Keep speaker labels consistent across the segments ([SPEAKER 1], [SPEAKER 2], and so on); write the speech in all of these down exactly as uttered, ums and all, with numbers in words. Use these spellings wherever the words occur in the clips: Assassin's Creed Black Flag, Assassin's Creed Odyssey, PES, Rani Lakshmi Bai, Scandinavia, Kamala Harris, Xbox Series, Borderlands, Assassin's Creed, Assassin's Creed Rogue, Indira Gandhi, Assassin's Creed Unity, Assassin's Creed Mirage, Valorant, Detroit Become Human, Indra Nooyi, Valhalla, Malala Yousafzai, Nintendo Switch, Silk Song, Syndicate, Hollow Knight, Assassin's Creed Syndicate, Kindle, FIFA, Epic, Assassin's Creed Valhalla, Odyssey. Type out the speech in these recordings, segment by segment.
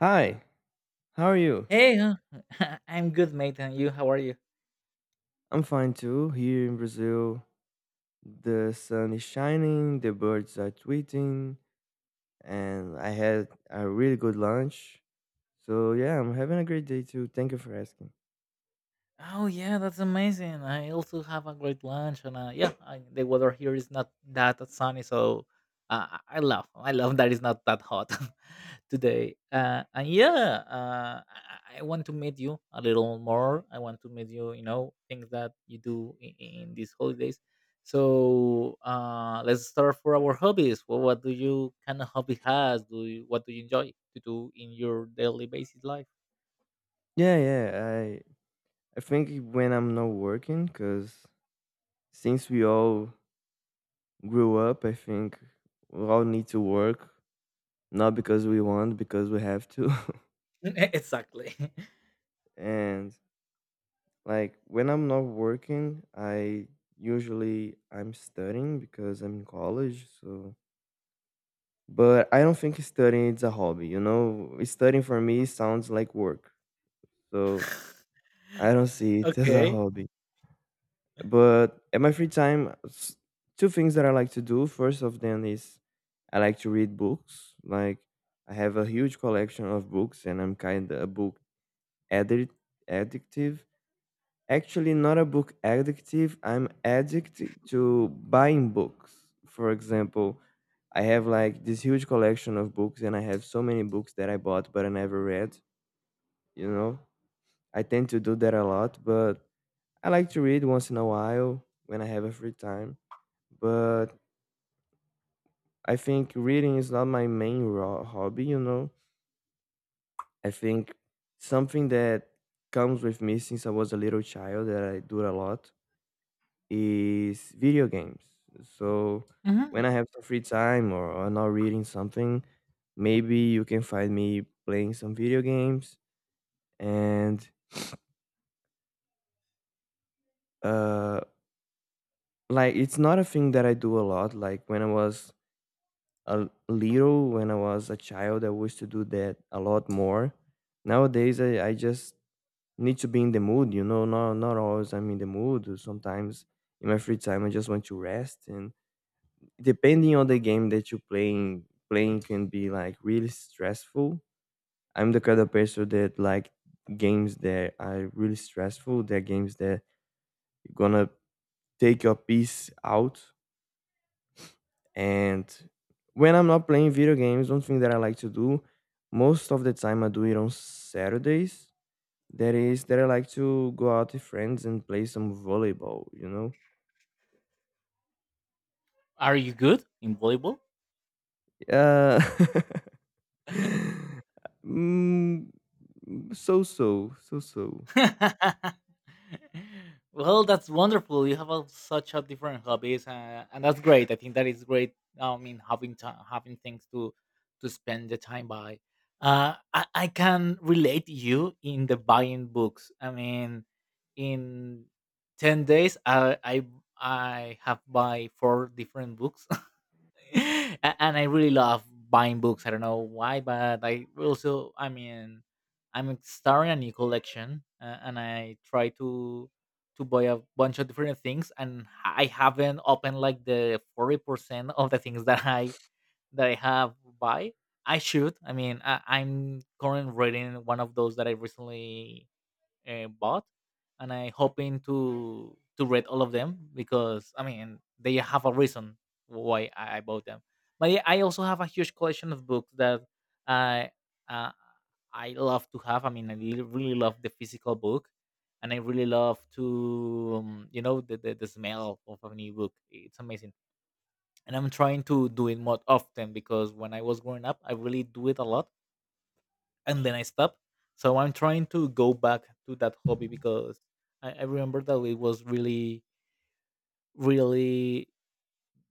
[SPEAKER 1] Hi, how are you?
[SPEAKER 2] Hey, huh? I'm good, mate. And you? How are you?
[SPEAKER 1] I'm fine too. Here in Brazil, the sun is shining, the birds are tweeting, and I had a really good lunch. So yeah, I'm having a great day too. Thank you for asking.
[SPEAKER 2] Oh yeah, that's amazing. I also have a great lunch, and uh, yeah, I, the weather here is not that sunny, so uh, I I love, I love that it's not that hot today. Uh, and yeah, uh, I, I want to meet you a little more. I want to meet you. You know, things that you do in, in these holidays. So uh, let's start for our hobbies. What, what do you kind of hobby has? Do you, what do you enjoy to do in your daily basis life?
[SPEAKER 1] Yeah, yeah. I I think when I'm not working, cause since we all grew up, I think we all need to work, not because we want, because we have to.
[SPEAKER 2] E exactly.
[SPEAKER 1] and Like when I'm not working, I usually I'm studying because I'm in college, so but I don't think studying is a hobby, you know? Studying for me sounds like work. So I don't see it as a
[SPEAKER 2] Okay.
[SPEAKER 1] hobby. But at my free time, s- two things that I like to do. First of them is I like to read books. Like I have a huge collection of books, and I'm kind of a book addict, addictive. Actually, not a book addictive. I'm addict to buying books. For example, I have like this huge collection of books, and I have so many books that I bought but I never read. You know, I tend to do that a lot, but I like to read once in a while when I have a free time. But I think reading is not my main ro- hobby. You know, I think something that comes with me since I was a little child that I do a lot is video games. So when
[SPEAKER 2] Mhm.
[SPEAKER 1] I have some free time or, or not reading something, maybe you can find me playing some video games. And uh, like it's not a thing that I do a lot. Like when I was a little, when I was a child, I used to do that a lot more. Nowadays, I, I just need to be in the mood. You know, not not always I'm in the mood. Sometimes in my free time, I just want to rest, and depending on the game that you're playing, playing can be like really stressful. I'm the kind of person that like games that are really stressful. They're games that you're gonna take your piece out. And when I'm not playing video games, one thing that I like to do most of the time I do it on Saturdays. That is that I like to go out with friends and play some volleyball, you know?
[SPEAKER 2] Are you good in volleyball?
[SPEAKER 1] Yeah. mm, so so so so.
[SPEAKER 2] Well, that's wonderful. You have a, such a different hobbies, uh, and that's great. I think that is great. I mean, having time, having things to to spend the time by. Uh, I, I can relate you in the buying books. I mean, in ten days, I I I have buy four different books A- and I really love buying books. I don't know why, but I also, I mean, I'm starting a new collection, uh, and I try to to buy a bunch of different things, and I haven't opened like the forty percent of the things that I that I have buy. I should. I mean, I, I'm currently reading one of those that I recently uh, bought, and I hoping to to read all of them because I mean they have a reason why I I bought them. But yeah, I also have a huge collection of books that I uh, I love to have. I mean, I really really love the physical book, and I really love to um, you know the, the the smell of a new book. It's amazing and I'm trying to do it more often because when I was growing up, I really do it a lot, and then I stop. So I'm trying to go back to that hobby because I, I remember that it was really, really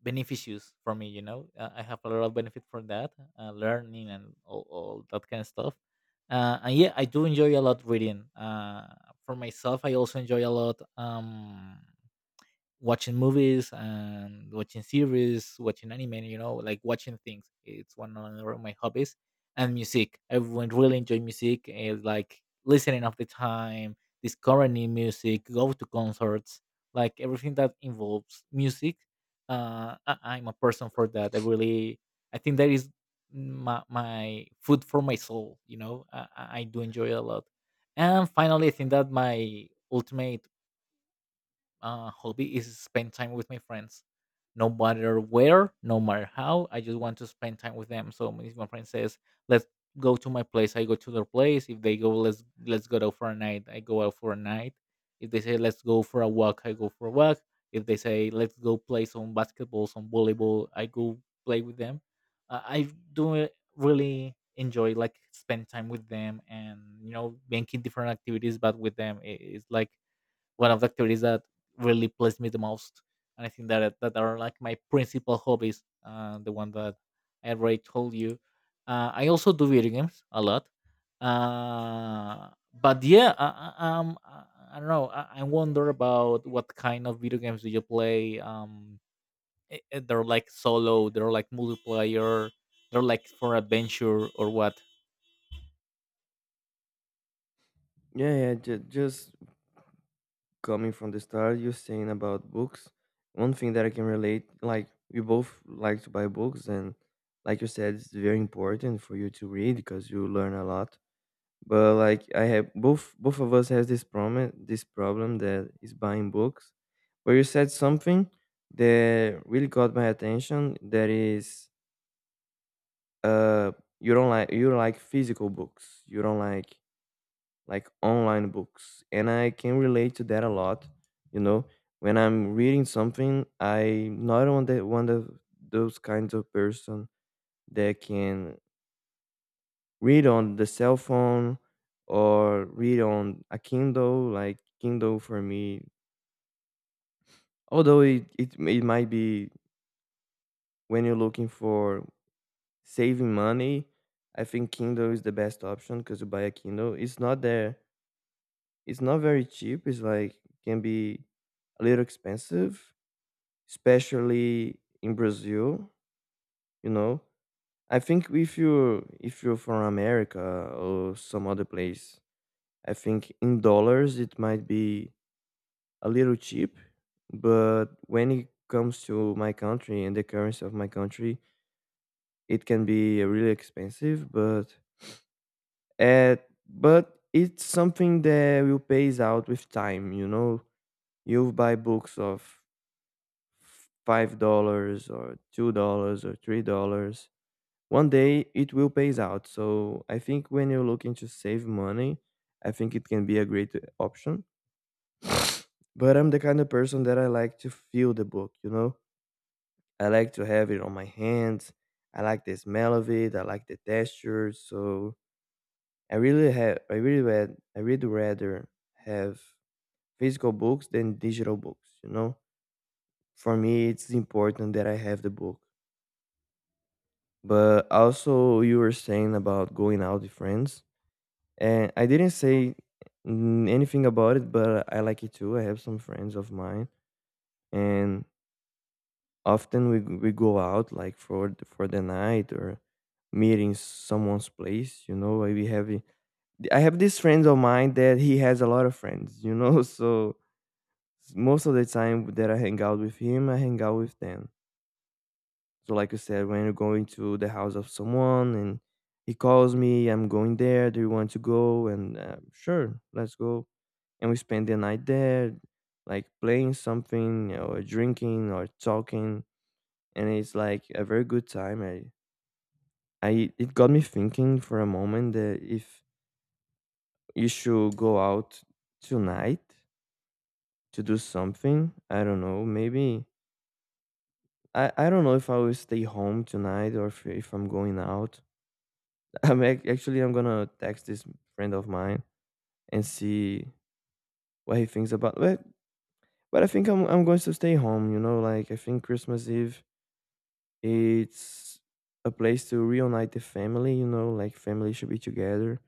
[SPEAKER 2] beneficious for me. You know, uh, I have a lot of benefit for that, uh, learning and all, all that kind of stuff. Uh, and yeah, I do enjoy a lot reading. Uh, for myself, I also enjoy a lot. Um, watching movies and watching series, watching anime, you know, like watching things. It's one of my hobbies. And music. I would really enjoy music. It's like listening of the time, discovering new music, go to concerts, like everything that involves music. Uh, I- I'm a person for that. I really, I think that is my, my food for my soul. You know, I, I I do enjoy it a lot. And finally, I think that my ultimate uh, hobby is spend time with my friends, no matter where, no matter how. I just want to spend time with them. So if my friend says, "Let's go to my place," I go to their place. If they go, "Let's let's go out for a night," I go out for a night. If they say, "Let's go for a walk," I go for a walk. If they say, "Let's go play some basketball, some volleyball," I go play with them. Uh, I do really enjoy like spend time with them and you know making different activities but with them it- it's like one of the activities that really pleased me the most. And I think that that are like my principal hobbies. Uh, the one that I already told you. Uh, I also do video games a lot. Uh, but yeah, I, I, um, I I don't know. I, I wonder about what kind of video games do you play. Um, i- i- they're like solo. They're like multiplayer. They're like for adventure or what?
[SPEAKER 1] Yeah, yeah. Ju- just coming from the start, you're saying about books. One thing that I can relate, like we both like to buy books, and like you said, it's very important for you to read because you learn a lot. But like I have both, both of us has this problem, this problem that is buying books. But you said something that really caught my attention. That is uh you don't like, you like physical books, you don't like like online books, and I can relate to that a lot. You know, when I'm reading something, I not on that one of those kinds of person that can read on the cell phone or read on a kindle. Like kindle for me, although it, it, it might be when you're looking for saving money, I think kindle is the best option because you buy a kindle, it's not there. It's not very cheap. It's like can be a little expensive, especially in Brazil. You know, I think if you if you're from America or some other place, I think in dollars it might be a little cheap. But when it comes to my country and the currency of my country, it can be really expensive. But at but it's something that will pays out with time. You know, you buy books of five dollars or two dollars or three dollars one day it will pays out. So I think when you're looking to save money, I think it can be a great uh, option. But I'm the kind of person that I like to feel the book, you know? I like to have it on my hands. I like the smell of it. I like the texture. So I really have, I really read, I really rather have physical books than digital books, you know? For me, it's important that I have the book. But also, you were saying about going out with friends, and I didn't say n- anything about it, but I like it too. I have some friends of mine, and often we, g- we go out like for th- for the night or meeting someone's place, you know, like, we have i I have this friends of mine that he has a lot of friends, you know. So s- most of the time that I hang out with him, I hang out with them. So, like you said, when you go into the house of someone and he calls me, I'm going there. Do you want to go? And uh, sure, let's go. And we spend the night there, like playing something or drinking or talking. And it's like a very good time. I, I, it got me thinking for a moment that if you should go out tonight to do something, I don't know, maybe I, I don't know if I will stay home tonight, or if, if I'm going out. I'm ac- actually I'm gonna text this friend of mine and see what he thinks about it. But I think I'm I'm going to stay home. You know, like I think Christmas Eve it's a place to reunite the family. You know, like family should be together.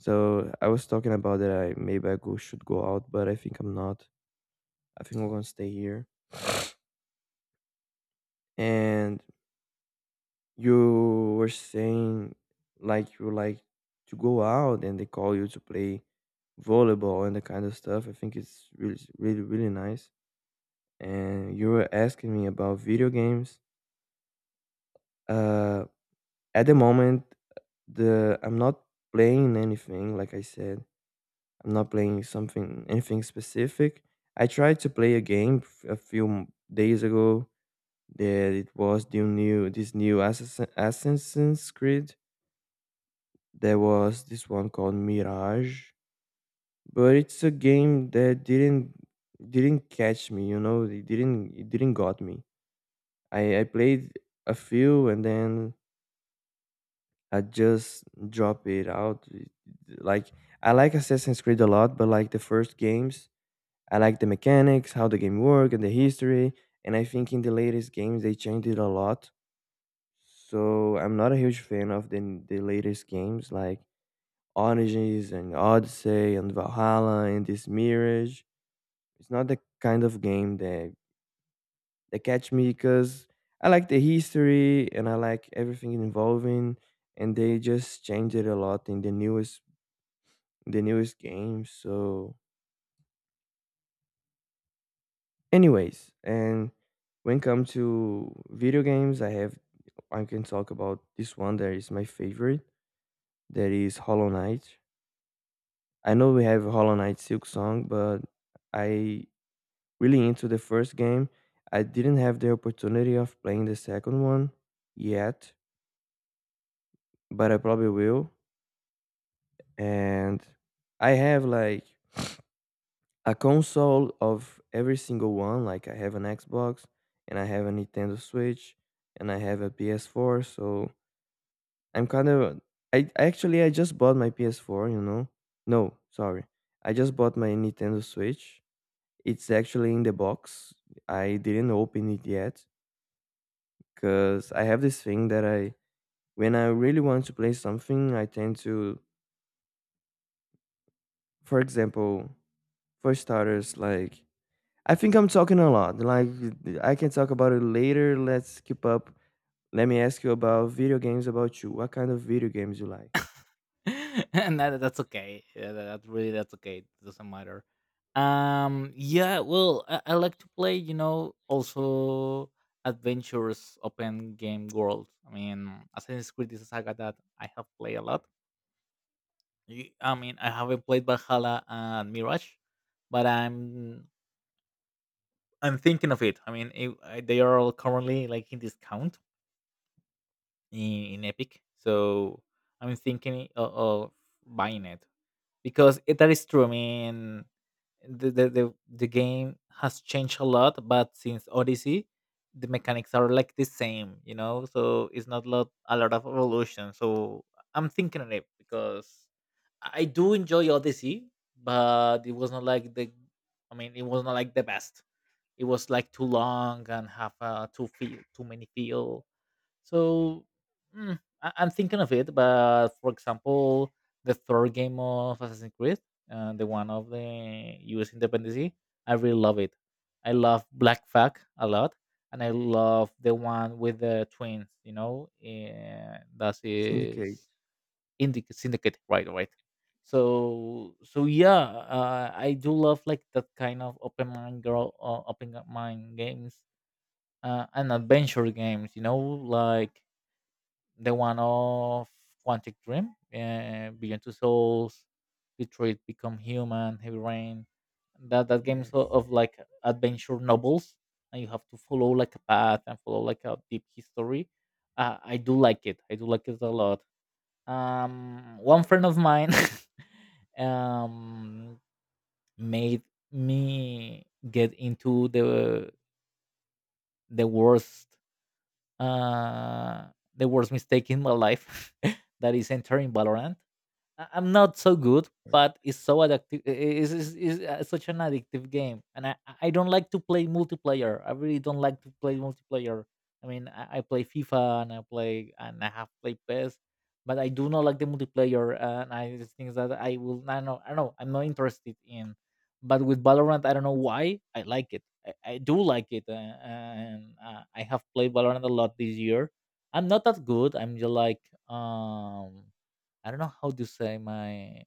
[SPEAKER 1] So I was talking about that. I maybe I go should go out, but I think I'm not. I think I'm gonna stay here and You were saying like you like to go out and they call you to play volleyball and that kind of stuff. I think it's really, really, really nice. And you were asking me about video games. Uh, at the moment, the I'm not playing anything. Like I said, I'm not playing something anything specific. I tried to play a game f- a few m- days ago. That it was the new this new Assassin, Assassin's Creed. There was this one called Mirage, but it's a game that didn't didn't catch me, you know, it didn't it didn't got me. I I played a few and then I just drop it out. It- Like I like Assassin's Creed a lot, but like the first games, I like the mechanics, how the game work, and the history. And I think in the latest games they changed it a lot. So I'm not a huge fan of the the latest games. Like Origins and Odyssey and Valhalla and this Mirage. It's not the kind of game that that catch me because I like the history and I like everything involving, and they just changed it a lot in the newest the newest game. So, anyways, and when it comes to video games, I have I can talk about this one that is my favorite. That is Hollow Knight. I know we have Hollow Knight Silk Song, but I really into the first game. I didn't have the opportunity of playing the second one yet, but I probably will. And I have like a console of every single one. Like I have an Xbox and I have a Nintendo Switch and I have a P S four. So I'm kind of I actually I just bought my P S four, you know. No, sorry. I just bought my Nintendo Switch. It's actually in the box. I didn't open it yet because I have this thing that I, when I really want to play something, I tend to, for example, for starters, like I think I'm talking a lot. Like I can talk about it later. Let's keep up. Let me ask you about video games. About you, what kind of video games you like?
[SPEAKER 2] and that, that's okay. Yeah, that, that really that's okay. It doesn't matter. Um, yeah. Well, I, I like to play. You know, also adventures, open game world. I mean, Assassin's Creed is a saga that I have played a lot. Y- I mean, I haven't played Valhalla and Mirage, but I'm I'm thinking of it. I mean, it, I, they are all currently like in discount in, in Epic, so I'm thinking of, of buying it. Because it, that is true. I mean, the, the the the game has changed a lot, but since Odyssey, the mechanics are like the same, you know. So it's not lot a lot of evolution. So I'm thinking on it because I do enjoy Odyssey, but it was not like the. I mean, it was not like the best. It was like too long and have uh, too feel too many feel so mm, I- I'm thinking of it, but for example, the third game of Assassin's Creed, uh, the one of the U S independence, I really love it. I love Black Flag a lot, and I love the one with the twins. You know, uh, that
[SPEAKER 1] Syndicate.
[SPEAKER 2] is Indic- Syndicate, right? Right. So so yeah, uh, I do love like that kind of open mind girl, uh, open mind games, uh, and adventure games. You know, like the one of Quantic Dream, uh, Beyond Two Souls, Detroit Become Human, Heavy Rain. That that games
[SPEAKER 1] Yes.
[SPEAKER 2] o- of like adventure novels, and you have to follow like a path and follow like a deep history. Uh, I do like it. I do like it a lot. Um, one friend of mine um made me get into the the worst uh, the worst mistake in my life that is entering Valorant. I- I'm not so good, but it's so addictive. It's, it's, it's uh, such an addictive game, and I, I don't like to play multiplayer. I really don't like to play multiplayer. I mean, I, I play FIFA and I play and I have played P E S, but I do not like the multiplayer, uh, and I just think that I will. I know, I know, I'm not interested in. But with Valorant, I don't know why I like it. I, I do like it, uh, and uh, I have played Valorant a lot this year. I'm not that good. I'm just like um I don't know how to say my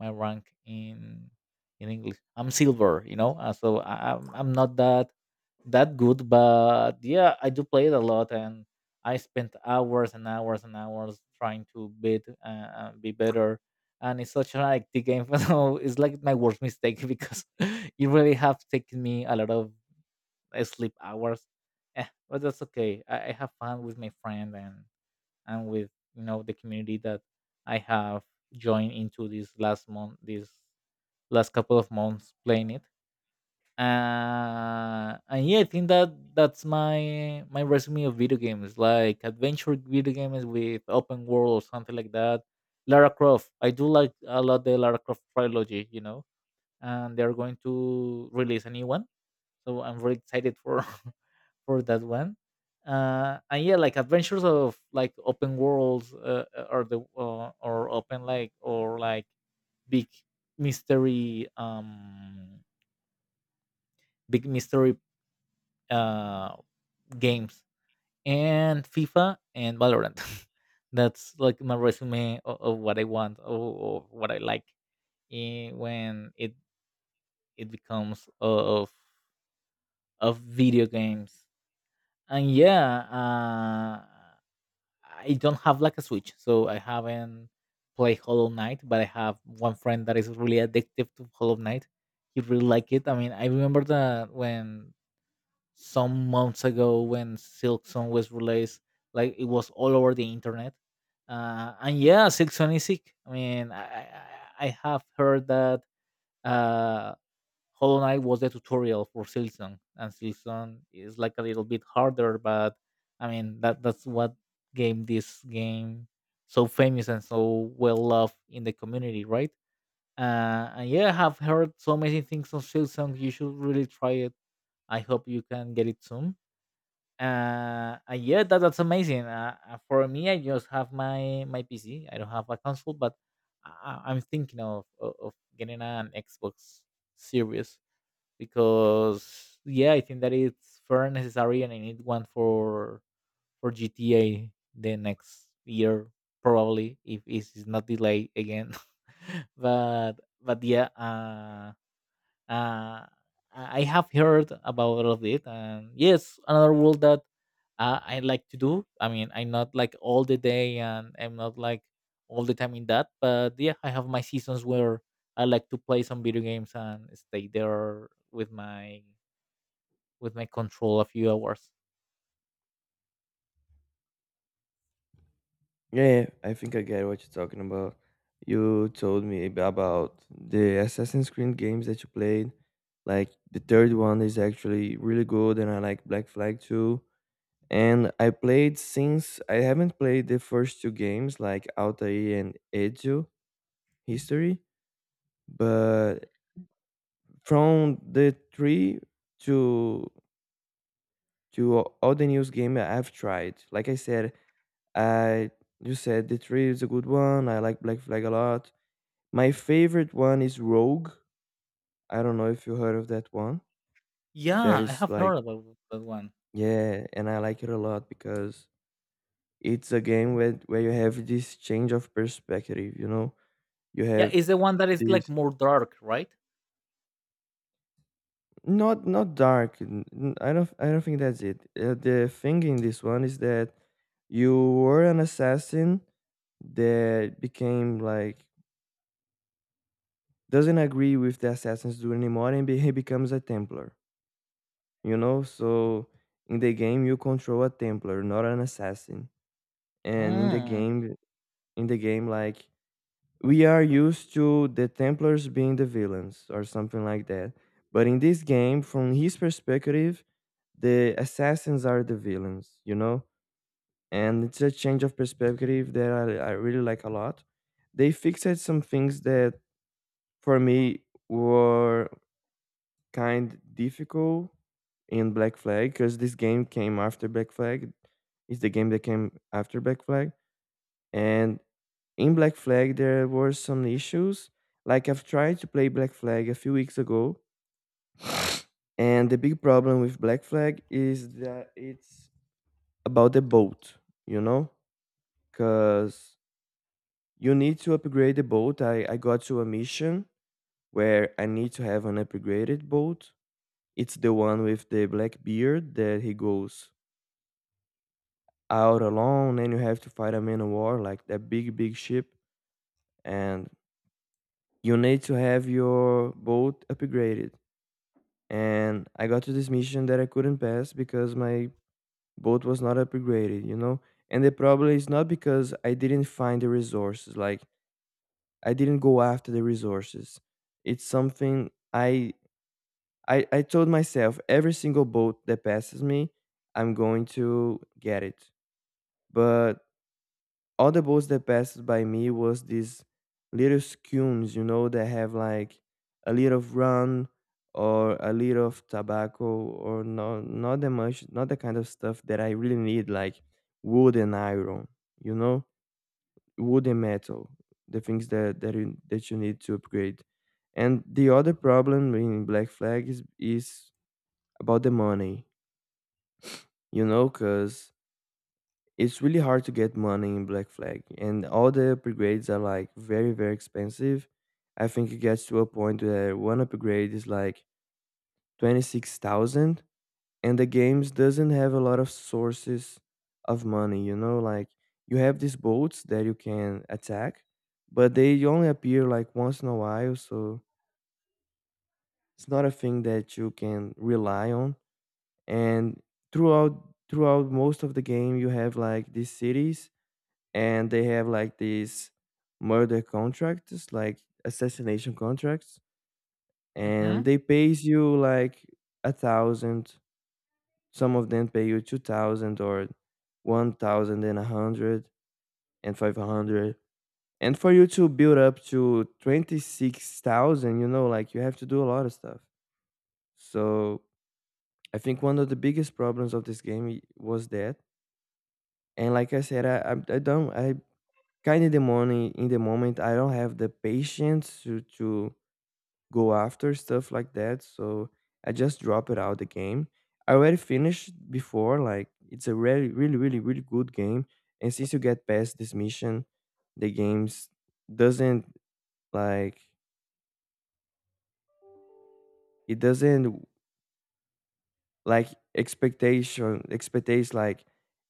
[SPEAKER 2] my rank in in English. I'm silver, you know, uh, so I, I'm I'm not that that good, but yeah, I do play it a lot, and I spent hours and hours and hours trying to beat uh, uh, be better. And it's such an addictive game, so it's like my worst mistake because it really have taken me a lot of uh, sleep hours. Eh, but that's okay. I, I have fun with my friend and and with you know the community that I have joined into this last month, this last couple of months playing it. Uh, and yeah, I think that that's my my resume of video games, like adventure video games with open world or something like that. Lara Croft, I do like a lot the Lara Croft trilogy, you know and they are going to release a new one. So I'm very excited for for that one. Uh, and yeah, like adventures of like open worlds uh, uh, or the uh, or open like or like big mystery um big mystery uh games and FIFA and Valorant. That's like my resume of, of what I want or, or what I like in, when it it becomes of of video games. And yeah, uh, I don't have like a Switch, so I haven't played Hollow Knight. But I have one friend that is really addictive to Hollow Knight. He really like it. I mean, I remember that when some months ago when Silk Song was released, like it was all over the internet. Uh, and yeah, Silk Song is sick. I mean, I, I I I have heard that uh, Hollow Knight was the tutorial for Silson, and Silson is like a little bit harder, but I mean that that's what game this game so famous and so well loved in the community, right? Uh, and yeah, I have heard so many things on Silsong. You should really try it. I hope you can get it soon. Uh, and yeah, that, that's amazing. Uh, uh, for me, I just have my my P C. I don't have a console, but I, I- I'm thinking of, of of getting an Xbox Series because yeah, I think that it's fair and necessary, and I need one for for G T A the next year probably if it is not delayed again. but but yeah, uh, uh, I I have heard about all of it, and yes, another world that uh, I like to do. I mean, I'm not like all the day, and I'm not like all the time in that, but yeah, I have my seasons where I like to play some video games and stay there with my with my control a few hours.
[SPEAKER 1] Yeah, yeah, I think I get what you're talking about. You told me ab- about the Assassin's Creed games that you played. Like the third one is actually really good, and I like Black Flag too. And I played since I haven't played the first two games like Altair and Ezio History, but from the three to to a- all the news game I've tried. Like I said, I you said the three is a good one. I like Black Flag a lot. My favorite one is Rogue. I don't know if you heard of that one. That
[SPEAKER 2] Yeah, I
[SPEAKER 1] is
[SPEAKER 2] have
[SPEAKER 1] like
[SPEAKER 2] heard about that one.
[SPEAKER 1] yeah, and I like it a lot because it's a game where where you have this change of perspective, you know. You
[SPEAKER 2] Yeah,
[SPEAKER 1] have
[SPEAKER 2] it's the one that is like
[SPEAKER 1] this
[SPEAKER 2] more dark, right?
[SPEAKER 1] not not dark. n- n- I don't I don't think that's it. Uh, the thing in this one is that you were an assassin that became like doesn't agree with the assassins do anymore and be, he becomes a templar, you know so in the game you control a templar, not an assassin. And in the
[SPEAKER 2] Mm.
[SPEAKER 1] game, in the game like we are used to the templars being the villains or something like that, but in this game from his perspective, the assassins are the villains, you know? And it's a change of perspective that I, I really like a lot. They fixed some things that for me were kind difficult in Black Flag, because this game came after Black Flag. It's the game that came after Black Flag. And in Black Flag, there were some issues. Like I've tried to play Black Flag a few weeks ago, and the big problem with Black Flag is that it's about the boat, you know? because you need to upgrade the boat. I, I got to a mission where I need to have an upgraded boat. It's the one with the black beard that he goes out alone and you have to fight a man of war, like that big, big ship. And you need to have your boat upgraded. And I got to this mission that I couldn't pass because my boat was not upgraded, you know? And the problem is not because I didn't find the resources. Like, I didn't go after the resources. It's something I I, I told myself every single boat that passes me, I'm going to get it. But all the boats that passed by me was these little scones, you know, that have like a little of rum or a little of tobacco or not not that much, not the kind of stuff that I really need, like wood and iron, you know? Wood and metal, the things that that you that you need to upgrade. And the other problem in Black Flag is is about the money, you know, because it's really hard to get money in Black Flag, and all the upgrades are like very very expensive. I think it gets to a point where one upgrade is like twenty-six thousand, and the games doesn't have a lot of sources of money, you know, like you have these boats that you can attack, but they only appear like once in a while, so it's not a thing that you can rely on. And throughout throughout most of the game you have like these cities, and they have like these murder contracts, like assassination contracts, and
[SPEAKER 2] Mm-hmm.
[SPEAKER 1] they pays you like a thousand, some of them pay you two thousand, or one thousand and a hundred and five hundred, and for you to build up to twenty-six thousand, you know, like you have to do a lot of stuff. So I think one of the biggest problems of this game i- was that. And like I said, i i, I don't I kind of the morning in the moment I don't have the patience to to go after stuff like that. So I just drop it out the game. I already finished before, like it's a really, really, really, really good game. And since you get past this mission, the games doesn't, like, it doesn't, like, expectation expectates like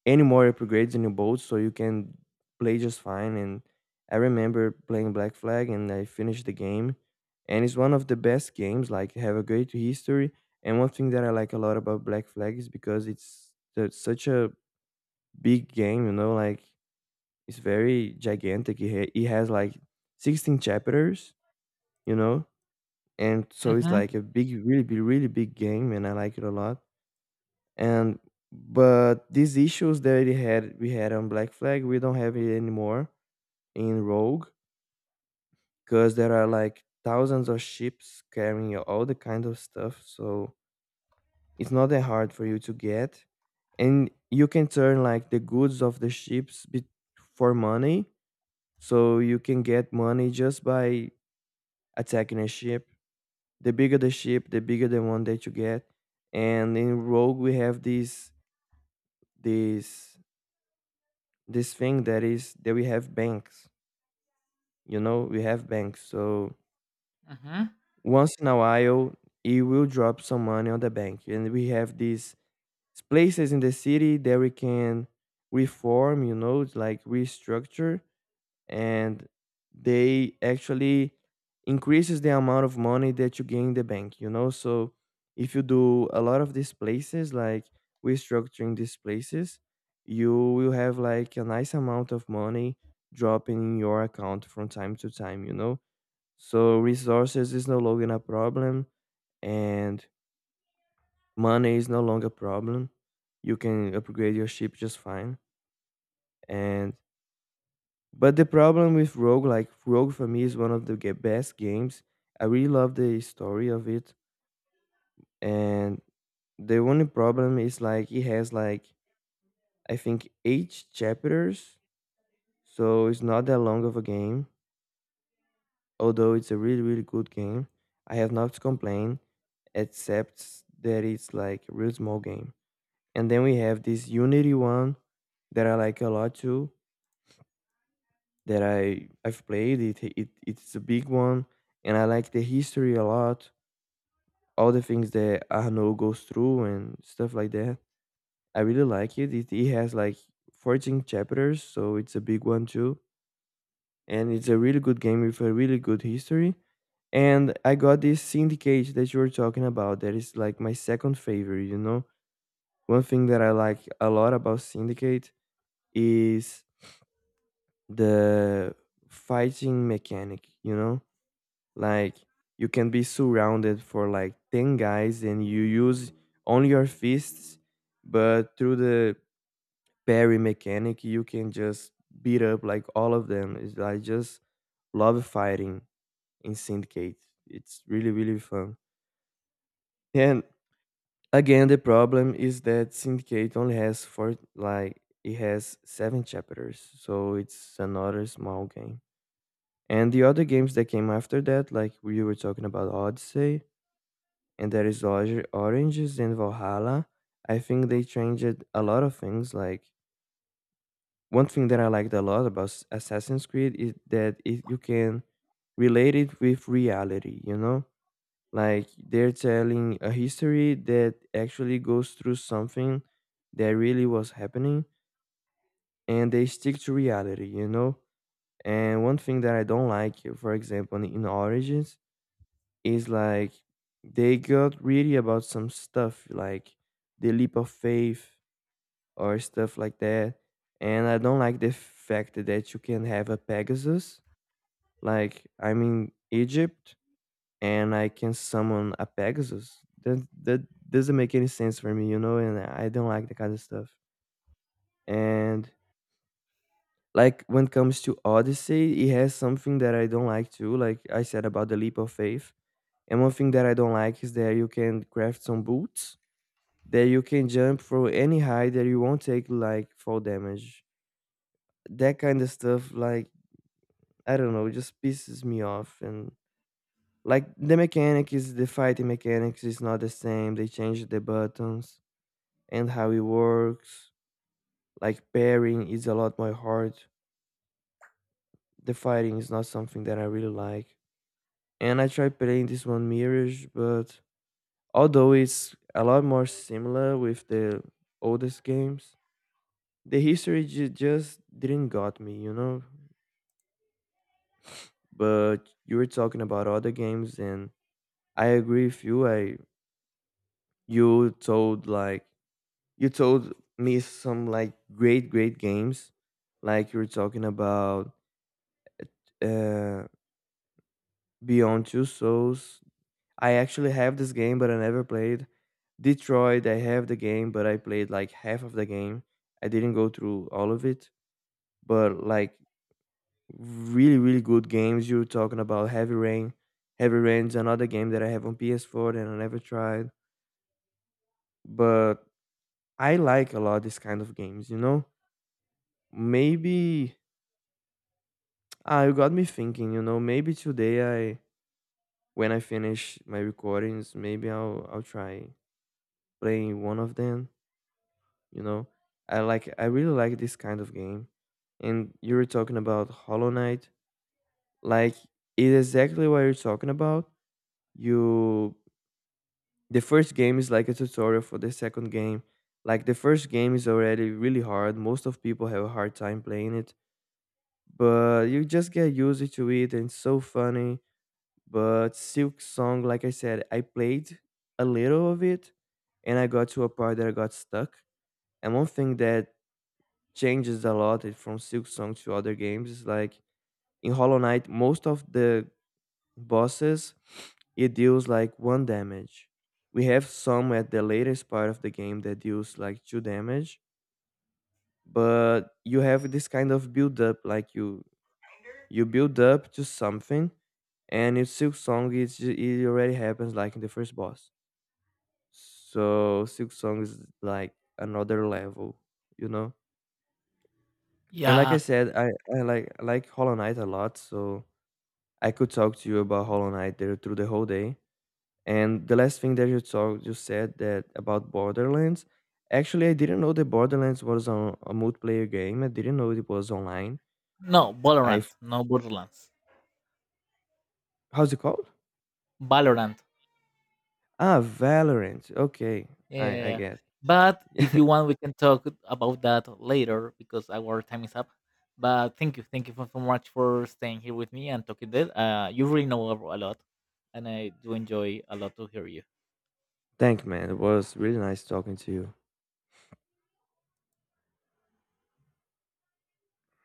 [SPEAKER 1] any more upgrades in your boat, so you can play just fine. And I remember playing Black Flag and I finished the game, and it's one of the best games, like, have a great history. And one thing that I like a lot about Black Flag is because it's the- such a big game, you know, like it's very gigantic. It, ha- it has like sixteen chapters, you know, and so it's
[SPEAKER 2] Mm-hmm.
[SPEAKER 1] like a big, really big, really big game, and I like it a lot. And but these issues that it had we had on Black Flag, we don't have it anymore in Rogue, because there are like thousands of ships carrying all the kind of stuff, so it's not that hard for you to get. And you can turn like the goods of the ships be- for money, so you can get money just by attacking a ship. The bigger the ship, the bigger the one that you get. And in Rogue we have this this this thing that is that we have banks. You know, we have banks. So
[SPEAKER 2] Mm-hmm.
[SPEAKER 1] once in a while, it will drop some money on the bank, and we have these places in the city that we can reform. You know, like restructure, and they actually increases the amount of money that you gain in the bank, you know. So if you do a lot of these places, like restructuring these places, you will have like a nice amount of money dropping in your account from time to time, you know. So resources is no longer a problem, and money is no longer a problem. You can upgrade your ship just fine. And but the problem with Rogue, like Rogue for me is one of the ge- best games. I really love the story of it. And the only problem is, like, it has like, I think, eight chapters, so it's not that long of a game. Although it's a really really good game, I have not to complain, except that it's like a real small game. And then we have this Unity one that I like a lot too, that I I've played. It it it's a big one, and I like the history a lot. All the things that Arnaud goes through and stuff like that. I really like it. It, it has like fourteen chapters, so it's a big one too. And it's a really good game with a really good history. And I got this Syndicate that you were talking about. That is like my second favorite. You know, one thing that I like a lot about Syndicate is the fighting mechanic. You know, like you can be surrounded for like ten guys and you use only your fists, but through the parry mechanic you can just beat up like all of them. It's, I just love fighting in Syndicate. It's really really fun. And again, the problem is that Syndicate only has four, like it has seven chapters, so it's another small game. And the other games that came after that, like we were talking about Odyssey, and there is Or- Oranges and Valhalla. I think they changed a lot of things. Like one thing that I liked a lot about S- Assassin's Creed is that it, you can relate it with reality. You know, like they're telling a history that actually goes through something that really was happening, and they stick to reality. You know, and one thing that I don't like, for example, in Origins is like they got really about some stuff like the leap of faith or stuff like that. And I don't like the fact that you can have a pegasus, like I'm in Egypt and I can summon a pegasus that that doesn't make any sense for me, you know, and I don't like that kind of stuff. And like when it comes to Odyssey, it has something that I don't like too, like I said about the leap of faith. And one thing that I don't like is that you can craft some boots that you can jump from any height that you won't take like fall damage. That kind of stuff, like I don't know, it just pisses me off. And like the mechanic is, the fighting mechanics is not the same. They changed the buttons and how it works. Like pairing is a lot more hard. The fighting is not something that I really like. And I tried playing this one Mirage, but although it's a lot more similar with the oldest games, the history ju- just didn't got me, you know? But you were talking about other games, and I agree with you. I, you told like, you told me some like great great games. Like you were talking about uh Beyond Two Souls. I actually have this game, but I never played. Detroit, I have the game, but I played like half of the game. I didn't go through all of it. But like really really good games, you were talking about Heavy Rain. Heavy Rain's another game that I have on P S four, and I never tried. But I like a lot this kind of games, you know? Maybe ah, you got me thinking, you know, maybe today I, when I finish my recordings, maybe I'll I'll try playing one of them, you know? I like, I really like this kind of game. And you were talking about Hollow Knight. Like it's exactly what you're talking about. You, the first game is like a tutorial for the second game. Like the first game is already really hard. Most of people have a hard time playing it, but you just get used to it and it's so funny. But Silk Song, like I said, I played a little of it and I got to a part that I got stuck. And one thing that changes a lot i- from Silk Song to other games is like in Hollow Knight most of the bosses it deals like one damage. We have some at the latest part of the game that deals like two damage, but you have this kind of build up, like you You build up to something. And in Silk Song, it's, ju- it already happens like in the first boss. So Silk Song is like another level, you know. And like I
[SPEAKER 2] Yeah.
[SPEAKER 1] said, I, I like I like Hollow Knight a lot, so I could talk to you about Hollow Knight there through the whole day. And the last thing that you talked, you said that about Borderlands. Actually, I didn't know that Borderlands was on a multiplayer game. I didn't know it was online.
[SPEAKER 2] No,
[SPEAKER 1] I f-
[SPEAKER 2] Valorant. No Borderlands.
[SPEAKER 1] How's it called?
[SPEAKER 2] Valorant.
[SPEAKER 1] Ah, Valorant. Okay,
[SPEAKER 2] Yeah,
[SPEAKER 1] I I
[SPEAKER 2] yeah.
[SPEAKER 1] get.
[SPEAKER 2] But if you want, we can talk about that later because our time is up. But thank you, thank you so so much for staying here with me and talking this. Uh, you really know a lot, and I do enjoy a lot to hear you.
[SPEAKER 1] Thank man. It was really nice talking to you.